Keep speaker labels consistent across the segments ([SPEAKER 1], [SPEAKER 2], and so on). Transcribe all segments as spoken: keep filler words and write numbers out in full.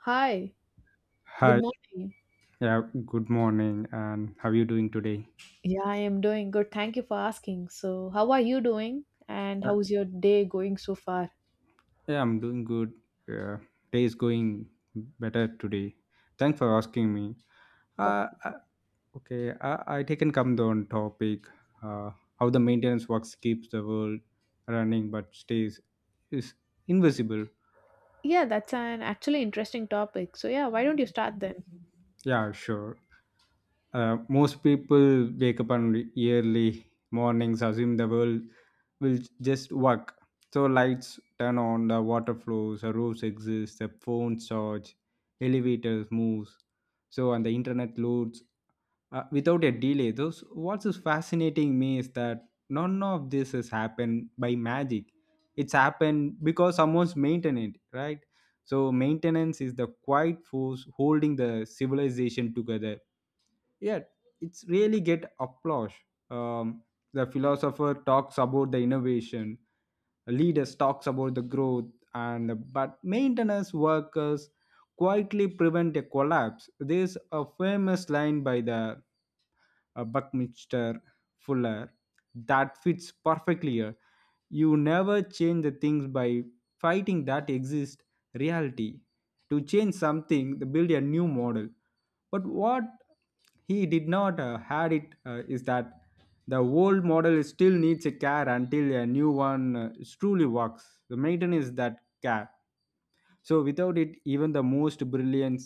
[SPEAKER 1] Hi, good
[SPEAKER 2] Hi,
[SPEAKER 1] morning.
[SPEAKER 2] yeah, good morning, and how are you doing today?
[SPEAKER 1] Yeah, I am doing good. Thank you for asking. So, how are you doing? And
[SPEAKER 2] Uh,
[SPEAKER 1] how's your day going so far?
[SPEAKER 2] yeah, I'm doing good. Uh, Day is going better today. Thanks for asking me.
[SPEAKER 1] Oh,
[SPEAKER 2] Uh, uh, okay, I, I taken come down topic. Uh, how the maintenance works keeps the world running but stays is invisible.
[SPEAKER 1] yeah, that's an actually interesting topic. So, yeah, why don't you start then?
[SPEAKER 2] Yeah, sure. Uh, most people wake up on early mornings, assume the world will just work. So lights turn on, the water flows, the roofs exist, the phones charge, elevators moves, so and the internet loads uh, without a delay. Those what is fascinating me is that none of this has happened by magic. It's happened because someone's maintained it, right? So maintenance is the quiet force holding the civilization together, yeah, it's really get applause. Um, the philosopher talks about the innovation, leaders talks about the growth, and but maintenance workers quietly prevent a collapse. There's a famous line by the uh, Buckminster Fuller that fits perfectly here. You never change the things by fighting that exist reality. To change something, they build a new model. But what he did not uh, had it uh, is that the old model still needs a care until a new one uh, truly works. The maintenance is that care. So without it, even the most brilliant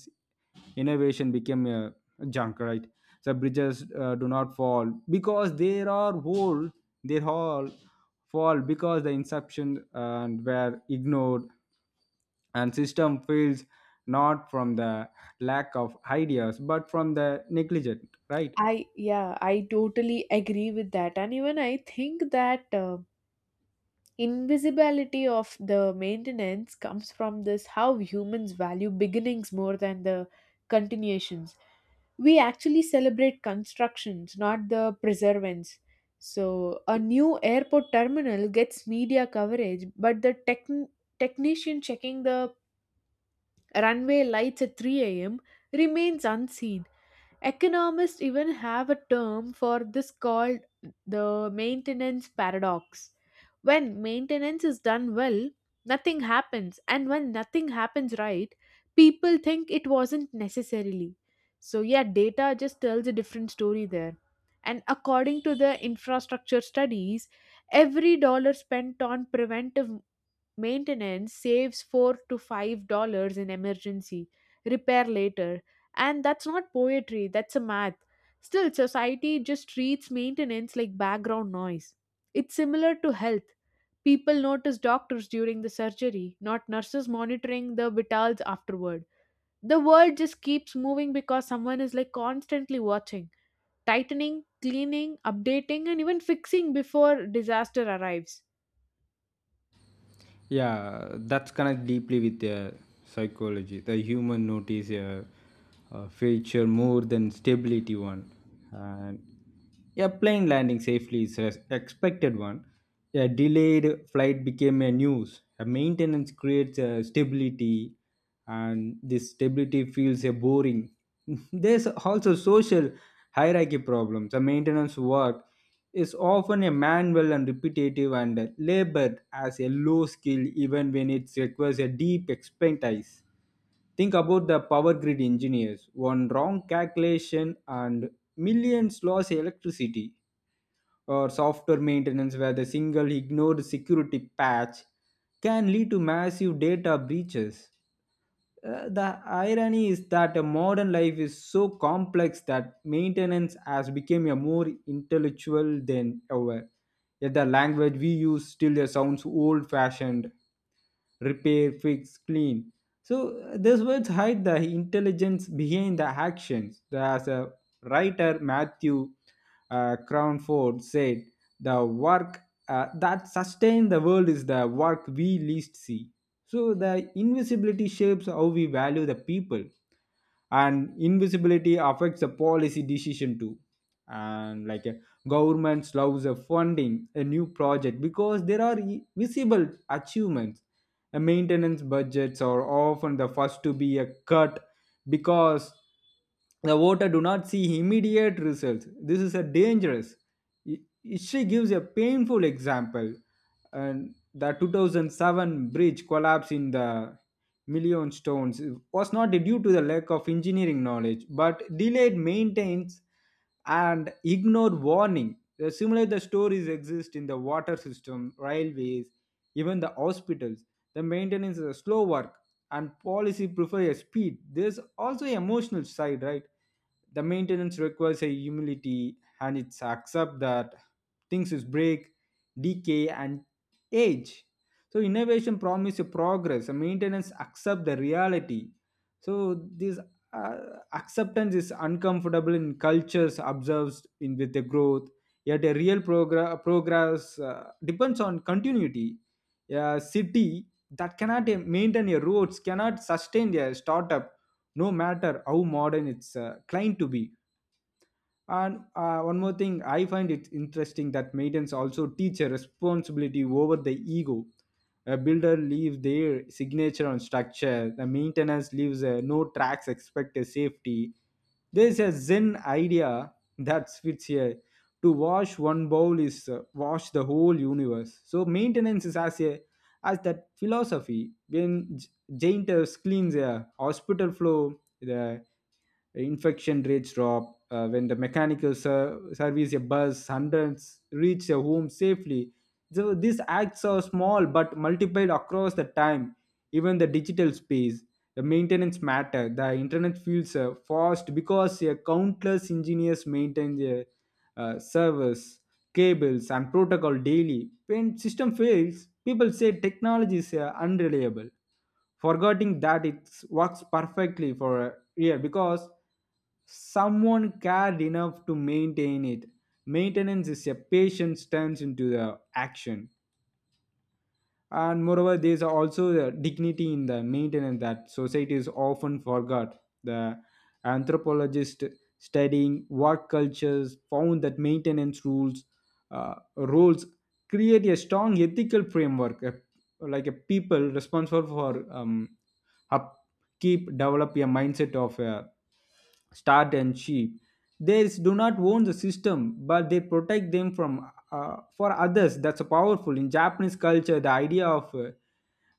[SPEAKER 2] innovation became a junk, right? The bridges uh, do not fall because they are whole. They all fall because the inception and were ignored, and system fails not from the lack of ideas but from the negligent, right?
[SPEAKER 1] I, yeah, I totally agree with that. And even I think that uh, invisibility of the maintenance comes from this how humans value beginnings more than the continuations. We actually celebrate constructions, not the preservance. So, a new airport terminal gets media coverage, but the tech technician checking the runway lights at three a m remains unseen. Economists even have a term for this called the maintenance paradox. When maintenance is done well, nothing happens, and when nothing happens right, people think it wasn't necessarily. So, yeah, data just tells a different story there. And according to the infrastructure studies, every dollar spent on preventive maintenance saves four to five dollars in emergency, repair later. And that's not poetry, that's a math. Still, society just treats maintenance like background noise. It's similar to health. People notice doctors during the surgery, not nurses monitoring the vitals afterward. The world just keeps moving because someone is like constantly watching, tightening, cleaning, updating, and even fixing before disaster arrives.
[SPEAKER 2] Yeah, that's connect deeply with the psychology. The human notice a, a feature more than stability one, and a plane landing safely is an expected one. A delayed flight became a news. A maintenance creates a stability, and this stability feels a boring. There's also social hierarchy problems. A maintenance work is often a manual and repetitive and labored as a low skill even when it requires a deep expertise. Think about the power grid engineers. One wrong calculation and millions lost electricity, or software maintenance where the single ignored security patch can lead to massive data breaches. Uh, the irony is that a modern life is so complex that maintenance has become a more intellectual than ever. Yet the language we use still uh, sounds old-fashioned: repair, fix, clean. So uh, these words hide the intelligence behind the actions. As a writer Matthew uh, Crownford said, the work uh, that sustains the world is the work we least see. So the invisibility shapes how we value the people, and invisibility affects the policy decision too. And like uh, governments loves a funding a new project because there are I- visible achievements. Uh, maintenance budgets are often the first to be a cut because the voter do not see immediate results. This is a dangerous. I- history gives a painful example, and the two thousand seven bridge collapse in the million stones was not due to the lack of engineering knowledge but delayed maintenance and ignored warning. The similar the stories exist in the water system, railways, even the hospitals. The maintenance is a slow work, and policy prefers speed. There's also emotional side, right? The maintenance requires a humility, and it's accept that things is break, decay and age. So innovation promise a progress, and maintenance accept the reality. So this uh, acceptance is uncomfortable in cultures observed in with the growth. Yet a real progress progress uh, depends on continuity. A city that cannot uh, maintain your roads cannot sustain their startup, no matter how modern it's uh, claimed to be. And uh, one more thing, I find it interesting that maidens also teach a responsibility over the ego. A builder leaves their signature on structure. The maintenance leaves a no tracks expect a safety. There's a Zen idea that fits here. To wash one bowl is uh, wash the whole universe. So maintenance is as a as that philosophy. When J- Jainters cleans a hospital floor, the infection rates drop. Uh, when the mechanical ser- service a bus, hundreds reach a home safely. So these acts are small but multiplied across the time. Even the digital space, the maintenance matter. The internet feels uh, fast because uh, countless engineers maintain their uh, servers, cables and protocol daily. When system fails, people say technology is uh, unreliable, forgetting that it works perfectly for a year because someone cared enough to maintain it. Maintenance is a patience turns into the action. And moreover, there is also the dignity in the maintenance that society is often forgot. The anthropologist studying work cultures found that maintenance rules uh, rules create a strong ethical framework. A- like a people responsible for um, upkeep develop a mindset of uh, start and sheep. They do not own the system, but they protect them from uh, for others. That's powerful. In Japanese culture, the idea of uh,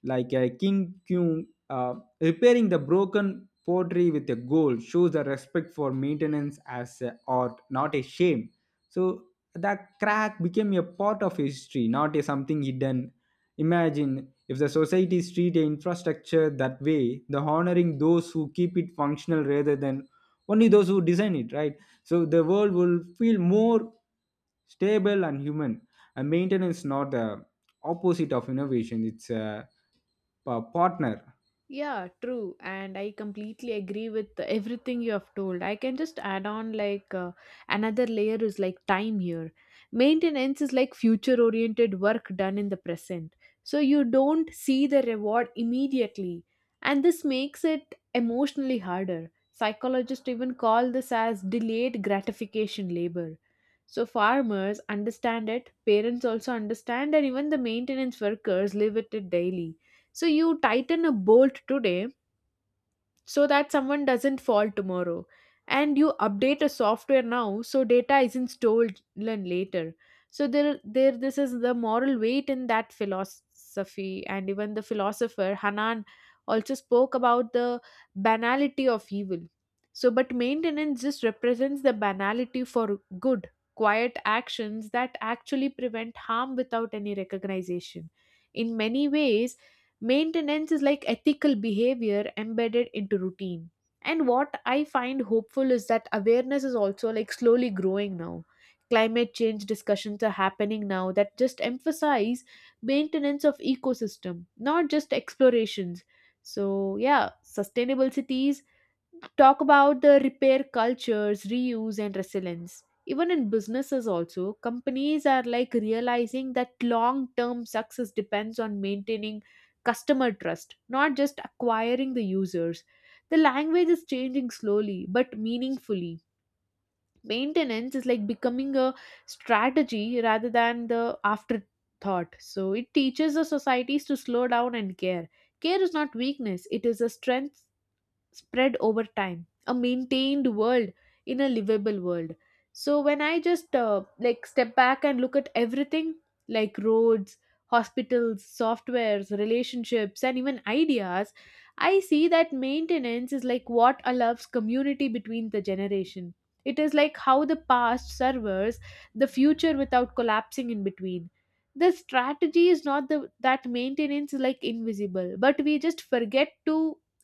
[SPEAKER 2] like a king Kyung, uh, repairing the broken pottery with a gold shows a respect for maintenance as a art, not a shame. So the crack became a part of history, not a something hidden. Imagine if the society treat a infrastructure that way, the honoring those who keep it functional rather than only those who design it, right? So the world will feel more stable and human. And maintenance not the opposite of innovation. It's a pa- partner.
[SPEAKER 1] Yeah, true. And I completely agree with everything you have told. I can just add on like uh, another layer is like time here. Maintenance is like future oriented work done in the present. So you don't see the reward immediately. And this makes it emotionally harder. Psychologists even call this as delayed gratification labor. So farmers understand it, parents also understand, and even the maintenance workers live with it daily. So you tighten a bolt today so that someone doesn't fall tomorrow. And you update a software now so data isn't stolen later. So there, there this is the moral weight in that philosophy. And even the philosopher Hanan also spoke about the banality of evil. So but maintenance just represents the banality for good, quiet actions that actually prevent harm without any recognition. In many ways, maintenance is like ethical behavior embedded into routine. And what I find hopeful is that awareness is also like slowly growing now. Climate change discussions are happening now that just emphasize maintenance of ecosystem, not just explorations. So yeah, sustainable cities talk about the repair cultures, reuse and resilience. Even in businesses also, companies are like realizing that long term success depends on maintaining customer trust, not just acquiring the users. The language is changing slowly but meaningfully. Maintenance is like becoming a strategy rather than the afterthought. So it teaches the societies to slow down and care. Care is not weakness, it is a strength spread over time. A maintained world in a livable world. So when I just uh, like step back and look at everything, like roads, hospitals, softwares, relationships and even ideas, I see that maintenance is like what allows community between the generation. It is like how the past serves the future without collapsing in between. The strategy is not the that maintenance is like invisible, but we just forget to,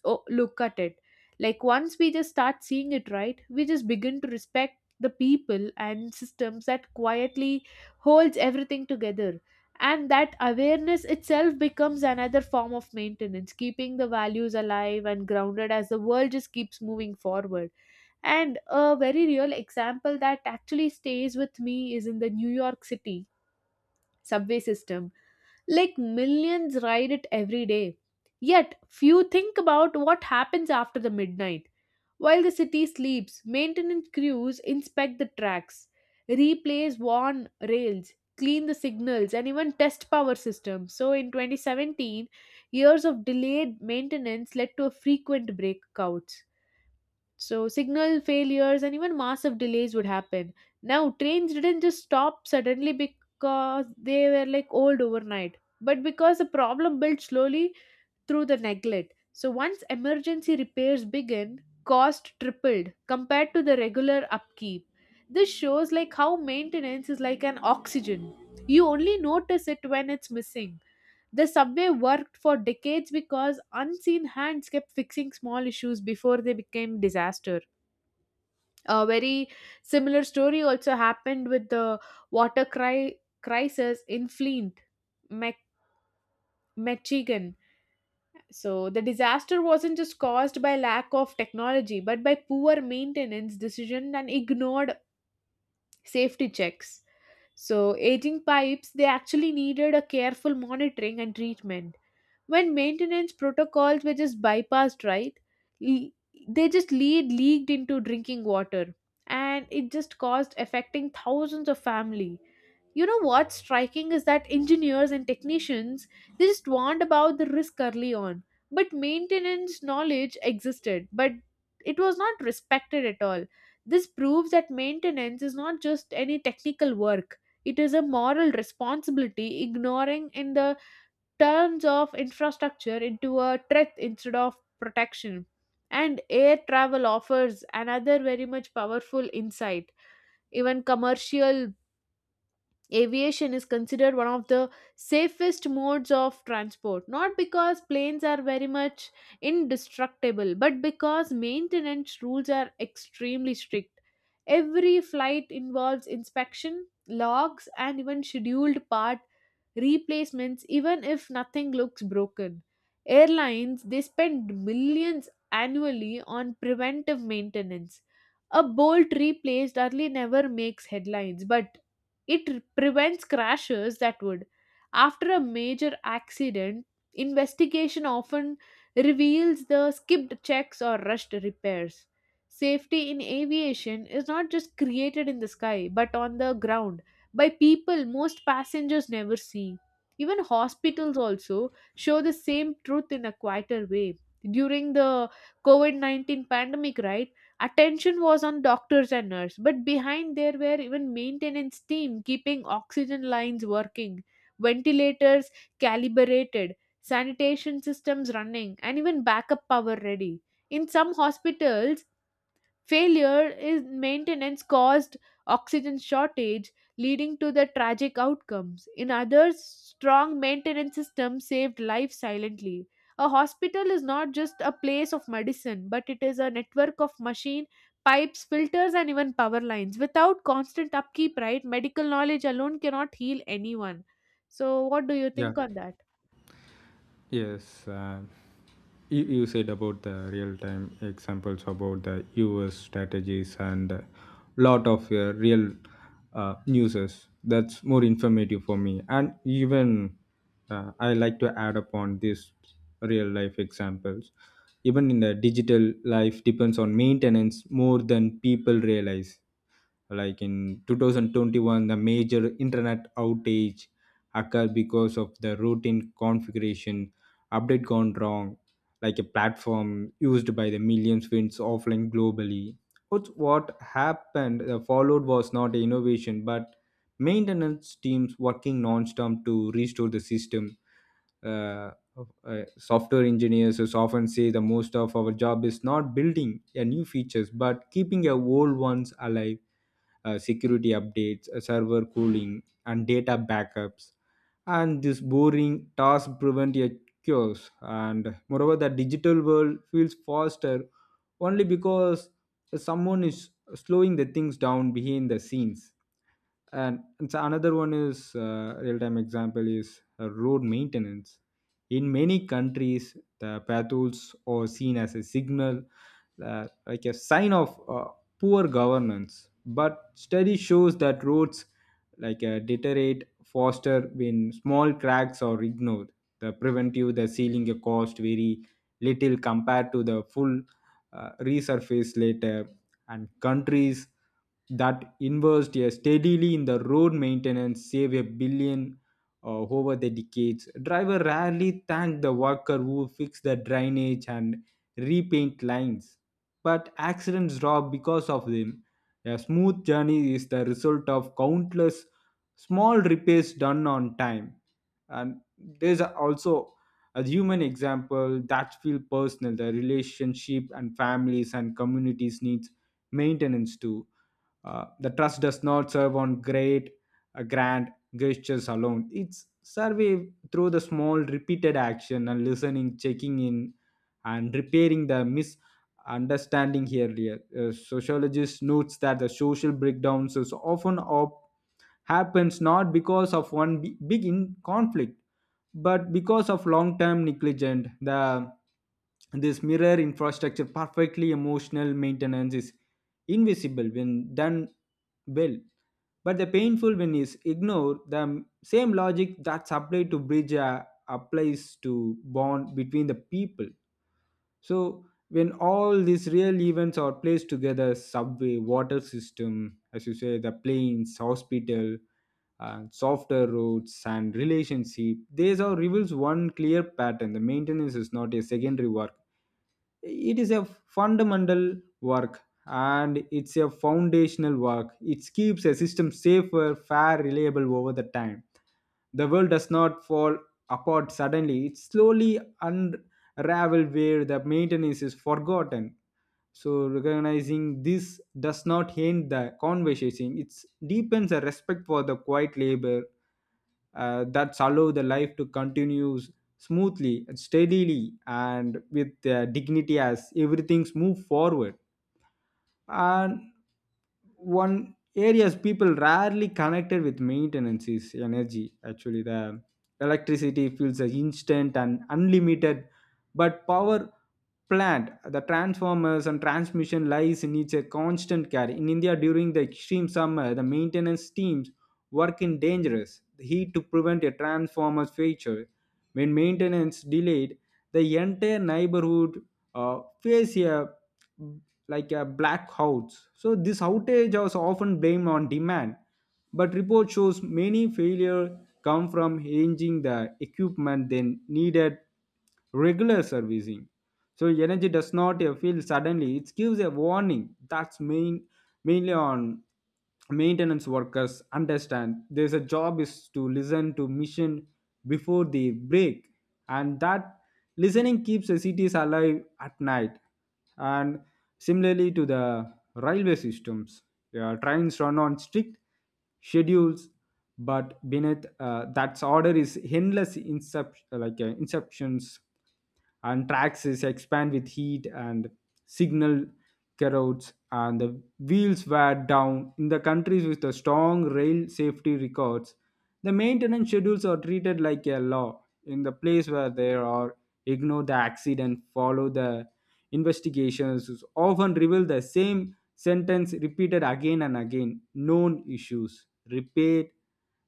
[SPEAKER 1] oh, look at it. Like once we just start seeing it right, we just begin to respect the people and systems that quietly holds everything together. And that awareness itself becomes another form of maintenance, keeping the values alive and grounded as the world just keeps moving forward. And a very real example that actually stays with me is in the New York City subway system. Like millions ride it every day. Yet, few think about what happens after the midnight. While the city sleeps, maintenance crews inspect the tracks, replace worn rails, clean the signals, and even test power systems. So, in twenty seventeen, years of delayed maintenance led to a frequent breakouts. So, signal failures and even massive delays would happen. Now, trains didn't just stop suddenly because they were like old overnight, but because the problem built slowly through the neglect. So, once emergency repairs began, cost tripled compared to the regular upkeep. This shows like how maintenance is like an oxygen. You only notice it when it's missing. The subway worked for decades because unseen hands kept fixing small issues before they became disaster. A very similar story also happened with the water cri- crisis in Flint, Mac- Michigan. So the disaster wasn't just caused by lack of technology, but by poor maintenance, decision, and ignored safety checks. So, aging pipes, they actually needed a careful monitoring and treatment. When maintenance protocols were just bypassed, right, le- they just lead leaked into drinking water, and it just caused affecting thousands of family. You know what's striking is that engineers and technicians, they just warned about the risk early on, but maintenance knowledge existed, but it was not respected at all. This proves that maintenance is not just any technical work, it is a moral responsibility, ignoring in the terms of infrastructure into a threat instead of protection. And air travel offers another very much powerful insight. Even commercial aviation is considered one of the safest modes of transport, not because planes are very much indestructible, but because maintenance rules are extremely strict. Every flight involves inspection, logs, and even scheduled part replacements, even if nothing looks broken. Airlines they spend millions annually on preventive maintenance. A bolt replaced early never makes headlines, but it r- prevents crashes that would. After a major accident, investigation often reveals the skipped checks or rushed repairs. Safety in aviation is not just created in the sky but on the ground by people most passengers never see. Even hospitals also show the same truth in a quieter way. During the COVID nineteen pandemic, right? Attention was on doctors and nurses, but behind there were even maintenance team keeping oxygen lines working, ventilators calibrated, sanitation systems running, and even backup power ready. In some hospitals, failure in maintenance caused oxygen shortage, leading to the tragic outcomes. In others, strong maintenance systems saved lives silently. A hospital is not just a place of medicine, but it is a network of machine, pipes, filters, and even power lines. Without constant upkeep, right, medical knowledge alone cannot heal anyone. So, what do you
[SPEAKER 2] Yeah,
[SPEAKER 1] think on that?
[SPEAKER 2] yes. Uh, you, you said about the real-time examples about the U S strategies and a lot of uh, real uh, uses. That's more informative for me. And even uh, I like to add upon these real-life examples. Even in the digital life depends on maintenance more than people realize. Like in two thousand twenty-one, the major internet outage occurred because of the routine configuration update gone wrong, like a platform used by the millions winds offline globally. What what happened uh, followed was not innovation but maintenance teams working non-stop to restore the system. Uh, uh, Software engineers as often say the most of our job is not building a new features but keeping a old ones alive: uh, security updates, uh, server cooling, and data backups. And this boring task prevent a chaos. And moreover, the digital world feels faster only because someone is slowing the things down behind the scenes. And, and so another one is uh, real-time example is uh, road maintenance. In many countries the potholes are seen as a signal, uh, like a sign of uh, poor governance, but study shows that roads like uh, deteriorate faster when small cracks are ignored. The preventive the sealing uh, cost very little compared to the full uh, resurface later. And countries that invest, yeah, steadily in the road maintenance save a billion uh, over the decades. Driver rarely thank the worker who fixed the drainage and repaint lines, but accidents drop because of them. A smooth journey is the result of countless small repairs done on time. And there's also a human example that feel personal. The relationship and families and communities needs maintenance too. Uh, the trust does not serve on great, uh, grand gestures alone. It's survey through the small, repeated action and listening, checking in, and repairing the misunderstanding earlier. Uh, sociologist notes that the social breakdowns is often op- happens not because of one bi- big in conflict but because of long term negligence. The this mirror infrastructure perfectly. Emotional maintenance is invisible when done well, but the painful when is ignored. The same logic that's applied to bridge uh, applies to bond between the people. So when all these real events are placed together, subway, water system, as you say, the planes, hospital, uh, softer roads and relationship, these all reveals one clear pattern. The maintenance is not a secondary work, it is a fundamental work, and it's a foundational work. It keeps a system safer, fair, reliable over the time. The world does not fall apart suddenly, it slowly unravel where the maintenance is forgotten. So recognizing this does not end the conversation, it deepens a respect for the quiet labor uh, that allow the life to continue smoothly, steadily, and with uh, dignity as everything's move forward. And one areas people rarely connected with maintenance is energy. Actually, the electricity feels as instant and unlimited, but power plant, the transformers and transmission lies needs a constant care. In India during the extreme summer, the maintenance teams work in dangerous heat to prevent a transformer failure. When maintenance delayed, the entire neighborhood uh, face a like a blackouts. So this outage was often blamed on demand, but report shows many failure come from changing the equipment then needed regular servicing. So energy does not uh, fail suddenly; it gives a warning. That's main mainly on maintenance workers understand there's a job is to listen to mission before they break, and that listening keeps the cities alive at night. And similarly to the railway systems, yeah, trains run on strict schedules, but beneath uh, that order is endless incep- like uh, inceptions, and tracks is expand with heat and signal corrodes, and the wheels wear down. In the countries with the strong rail safety records, the maintenance schedules are treated like a law. In the place where there are ignore the accident, follow the investigations often reveal the same sentence repeated again and again: known issues repaired,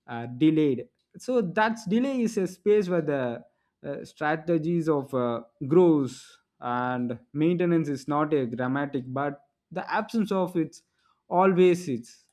[SPEAKER 2] uh, delayed. So that's delay is a space where the uh, strategies of uh, growth and maintenance is not a dramatic, but the absence of it's always it's.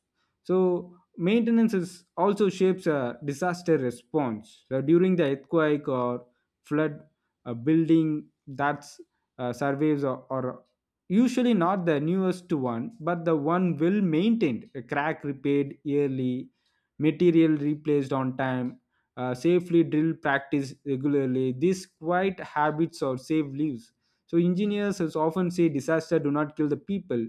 [SPEAKER 2] So maintenance is also shapes a disaster response. So during the earthquake or flood, a building that's uh, surveys are, are usually not the newest one but the one well maintained, a crack repaired yearly, material replaced on time, uh, safely drill practice regularly. These quiet habits or save lives. So engineers has often say disaster do not kill the people,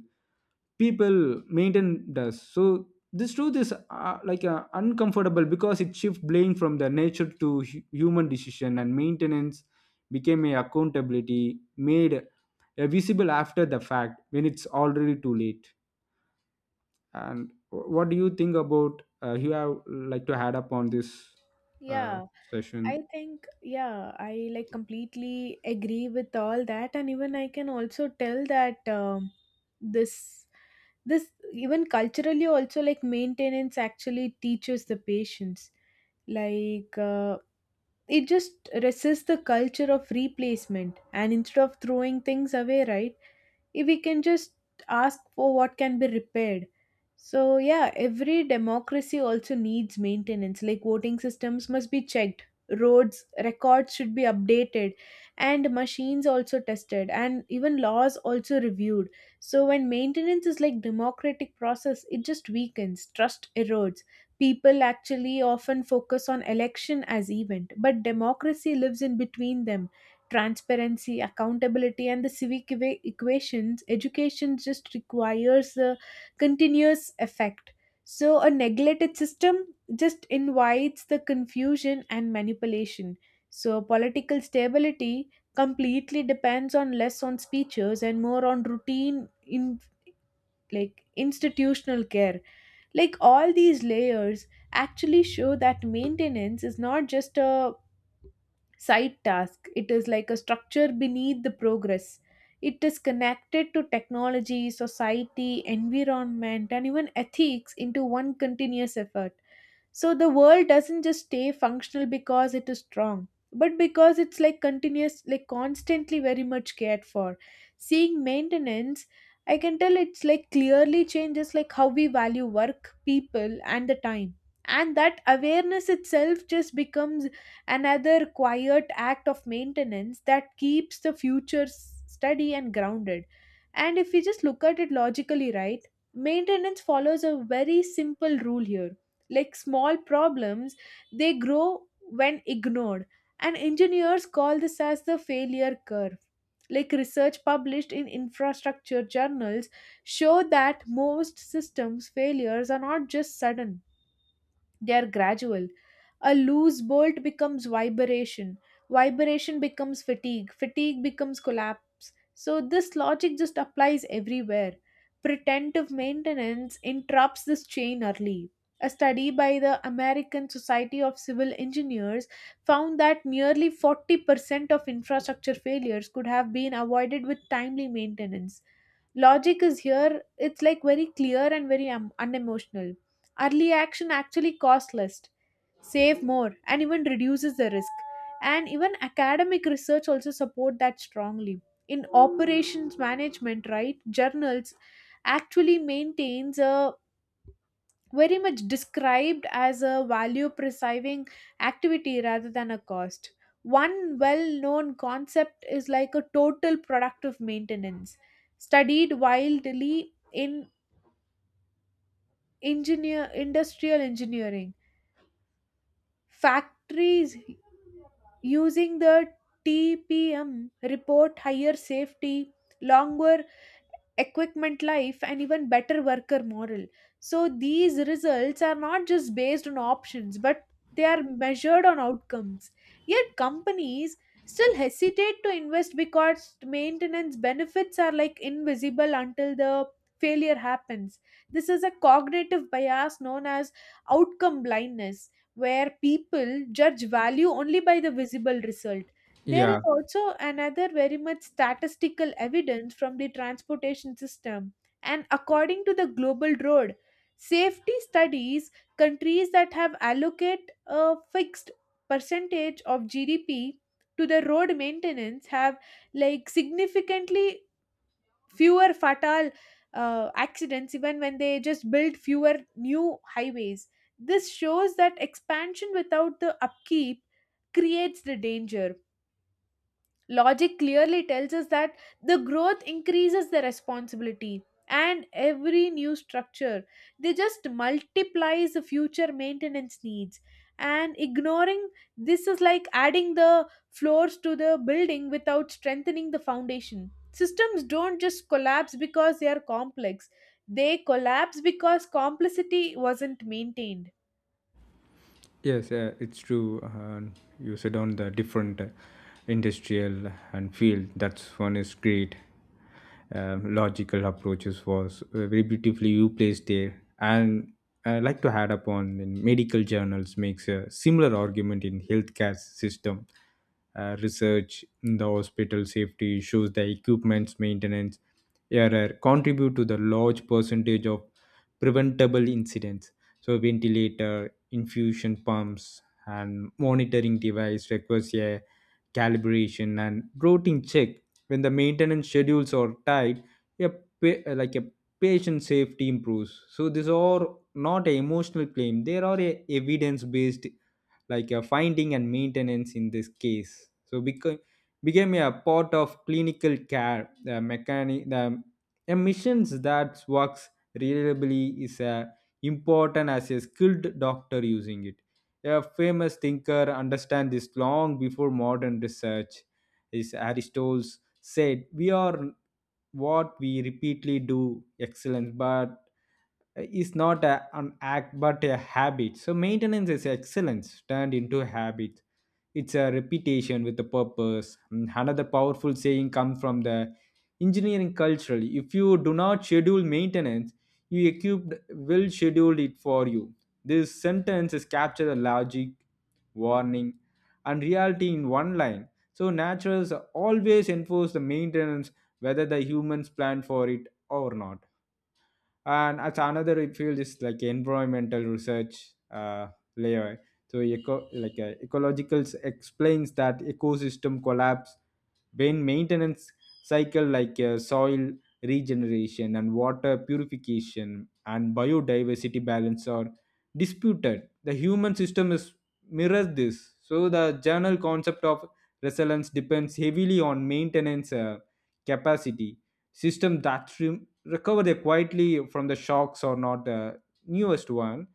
[SPEAKER 2] people maintain does. So this truth is uh, like uh, uncomfortable, because it shifts blame from the nature to hu- human decision, and maintenance became a accountability made uh, visible after the fact when it's already too late. And wh- what do you think about uh, you have like to add up on this uh,
[SPEAKER 1] Yeah,
[SPEAKER 2] session?
[SPEAKER 1] I think, yeah, I like completely agree with all that. And even I can also tell that um, this, this even culturally also like maintenance actually teaches the patience. Like uh, it just resists the culture of replacement. And instead of throwing things away, right? If we can just ask for what can be repaired. So yeah, every democracy also needs maintenance, like voting systems must be checked, roads records should be updated, and machines also tested, and even laws also reviewed. So when maintenance is like democratic process, it just weakens, trust erodes. People actually often focus on election as event, but democracy lives in between them. Transparency, accountability, and the civic equa- equations, education just requires a continuous effect. So, a neglected system just invites the confusion and manipulation. So, political stability completely depends on less on speeches and more on routine in like institutional care. Like all these layers actually show that maintenance is not just a side task. It is like a structure beneath the progress. It is connected to technology, society, environment, and even ethics into one continuous effort. So the world doesn't just stay functional because it is strong, but because it's like continuous, like constantly very much cared for. Seeing maintenance, I can tell it's like clearly changes like how we value work, people, and the time. And that awareness itself just becomes another quiet act of maintenance that keeps the future s- steady and grounded. And if we just look at it logically, right, maintenance follows a very simple rule here. Like small problems, they grow when ignored, and engineers call this as the failure curve. Like research published in infrastructure journals show that most systems failures are not just sudden, they are gradual. A loose bolt becomes vibration, vibration becomes fatigue, fatigue becomes collapse. So this logic just applies everywhere. Pretentive maintenance interrupts this chain early. A study by the American Society of Civil Engineers found that nearly forty percent of infrastructure failures could have been avoided with timely maintenance. Logic is here, it's like very clear and very um, unemotional. Early action actually costs less, save more, and even reduces the risk. And even academic research also support that strongly. In operations management, right, journals actually maintains a very much described as a value preserving activity rather than a cost. One well known concept is like a total productive maintenance, studied wildly in engineer, industrial engineering. Factories using the T P M report higher safety, longer equipment life and even better worker morale. So these results are not just based on options, but they are measured on outcomes. Yet companies still hesitate to invest because maintenance benefits are like invisible until the failure happens. This is a cognitive bias known as outcome blindness, where people judge value only by the visible result. There is
[SPEAKER 2] Yeah.
[SPEAKER 1] also another very much statistical evidence from the transportation system. And according to the Global Road Safety Studies, countries that have allocate a fixed percentage of G D P to the road maintenance have like significantly fewer fatal uh, accidents even when they just build fewer new highways. This shows that expansion without the upkeep creates the danger. Logic clearly tells us that the growth increases the responsibility, and every new structure, they just multiplies the future maintenance needs. And ignoring this is like adding the floors to the building without strengthening the foundation. Systems don't just collapse because they are complex, they collapse because complexity wasn't maintained.
[SPEAKER 2] Yes, uh, it's true. Uh, you said on the different uh, industrial and field. That's one is great. Um, logical approaches was uh, very beautifully you placed there, and I like to add upon, in medical journals makes a similar argument in healthcare system. Uh, research in the hospital safety issues, the equipment's maintenance error contribute to the large percentage of preventable incidents. So ventilator, infusion pumps and monitoring device requires a calibration and routine check. When the maintenance schedules are tight, a pa- like a patient safety improves. So these are not an emotional claim, they are a evidence based like uh, finding, and maintenance in this case. So became became a part of clinical care. The mechanic, the missions that works reliably is uh, important as a skilled doctor using it. A famous thinker understand this long before modern research is Aristotle's said, we are what we repeatedly do, excellence but is not a, an act but a habit. So maintenance is excellence turned into a habit. It's a reputation with a purpose. And another powerful saying comes from the engineering culturally: if you do not schedule maintenance, you equipped will schedule it for you. This sentence is captured the logic, warning, and reality in one line. So naturals always enforce the maintenance whether the humans plan for it or not. And as another field is like environmental research, uh, layer, so eco- like uh, ecological explains that ecosystem collapse when maintenance cycle like uh, soil regeneration and water purification and biodiversity balance are disputed. The human system is mirrors this. So the general concept of resilience depends heavily on maintenance uh, capacity. System that re- recover there quietly from the shocks or not the newest one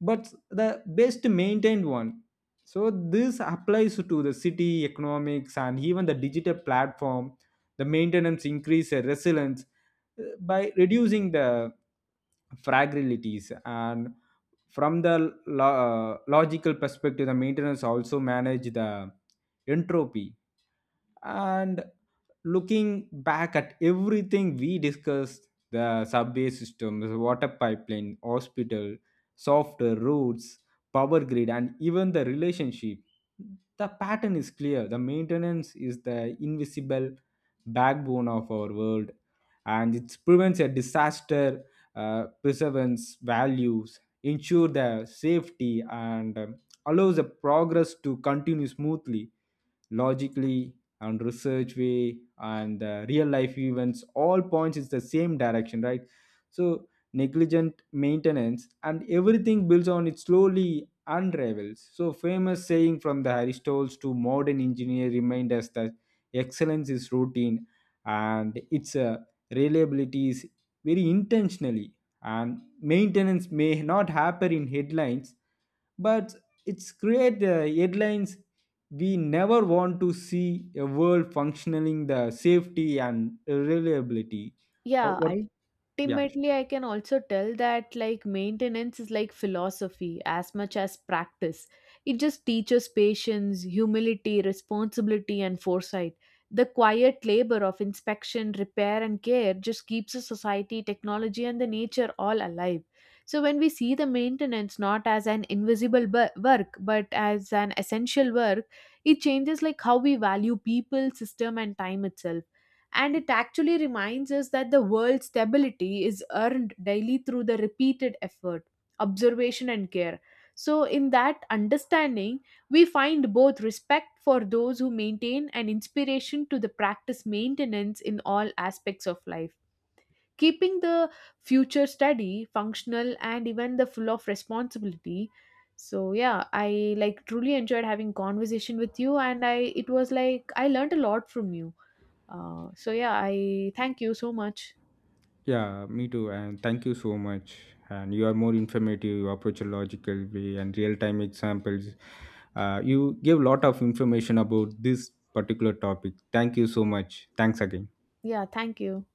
[SPEAKER 2] but the best maintained one. So this applies to the city, economics, and even the digital platform. The maintenance increase uh, resilience uh, by reducing the fragilities. And from the lo- uh, logical perspective, the maintenance also manage the entropy. And looking back at everything we discussed, the subway system, the water pipeline, hospital, softer roads, power grid, and even the relationship. The pattern is clear. The maintenance is the invisible backbone of our world, and it prevents a disaster, uh, preserves values, ensure the safety, and um, allows the progress to continue smoothly, logically, and research way, and uh, real life events all points is the same direction, right? So negligent maintenance, and everything builds on it slowly unravels. So famous saying from the aristotles to modern engineer remind us that excellence is routine, and its uh, reliability is very intentionally. And maintenance may not happen in headlines, but it's create uh, headlines we never want to see a world functioning the safety and reliability. Uh,
[SPEAKER 1] Yeah,
[SPEAKER 2] what? Yeah.
[SPEAKER 1] ultimately I can also tell that like maintenance is like philosophy as much as practice. It just teaches patience, humility, responsibility and foresight. The quiet labor of inspection, repair and care just keeps a society, technology and the nature all alive. So when we see the maintenance not as an invisible bu- work but as an essential work, it changes like how we value people, system and time itself. And it actually reminds us that the world's stability is earned daily through the repeated effort, observation, and care. So, in that understanding, we find both respect for those who maintain and inspiration to the practice maintenance in all aspects of life. Keeping the future steady, functional, and even the full of responsibility. So yeah, I like truly enjoyed having conversation with you, and I it was like I learned a lot from you. Uh, so yeah, I thank you so much.
[SPEAKER 2] Yeah, me too, and thank you so much. And you are more informative, you approach a logical way and real time examples. Uh, you give lot of information about this particular topic. Thank you so much, thanks again.
[SPEAKER 1] Yeah, thank you.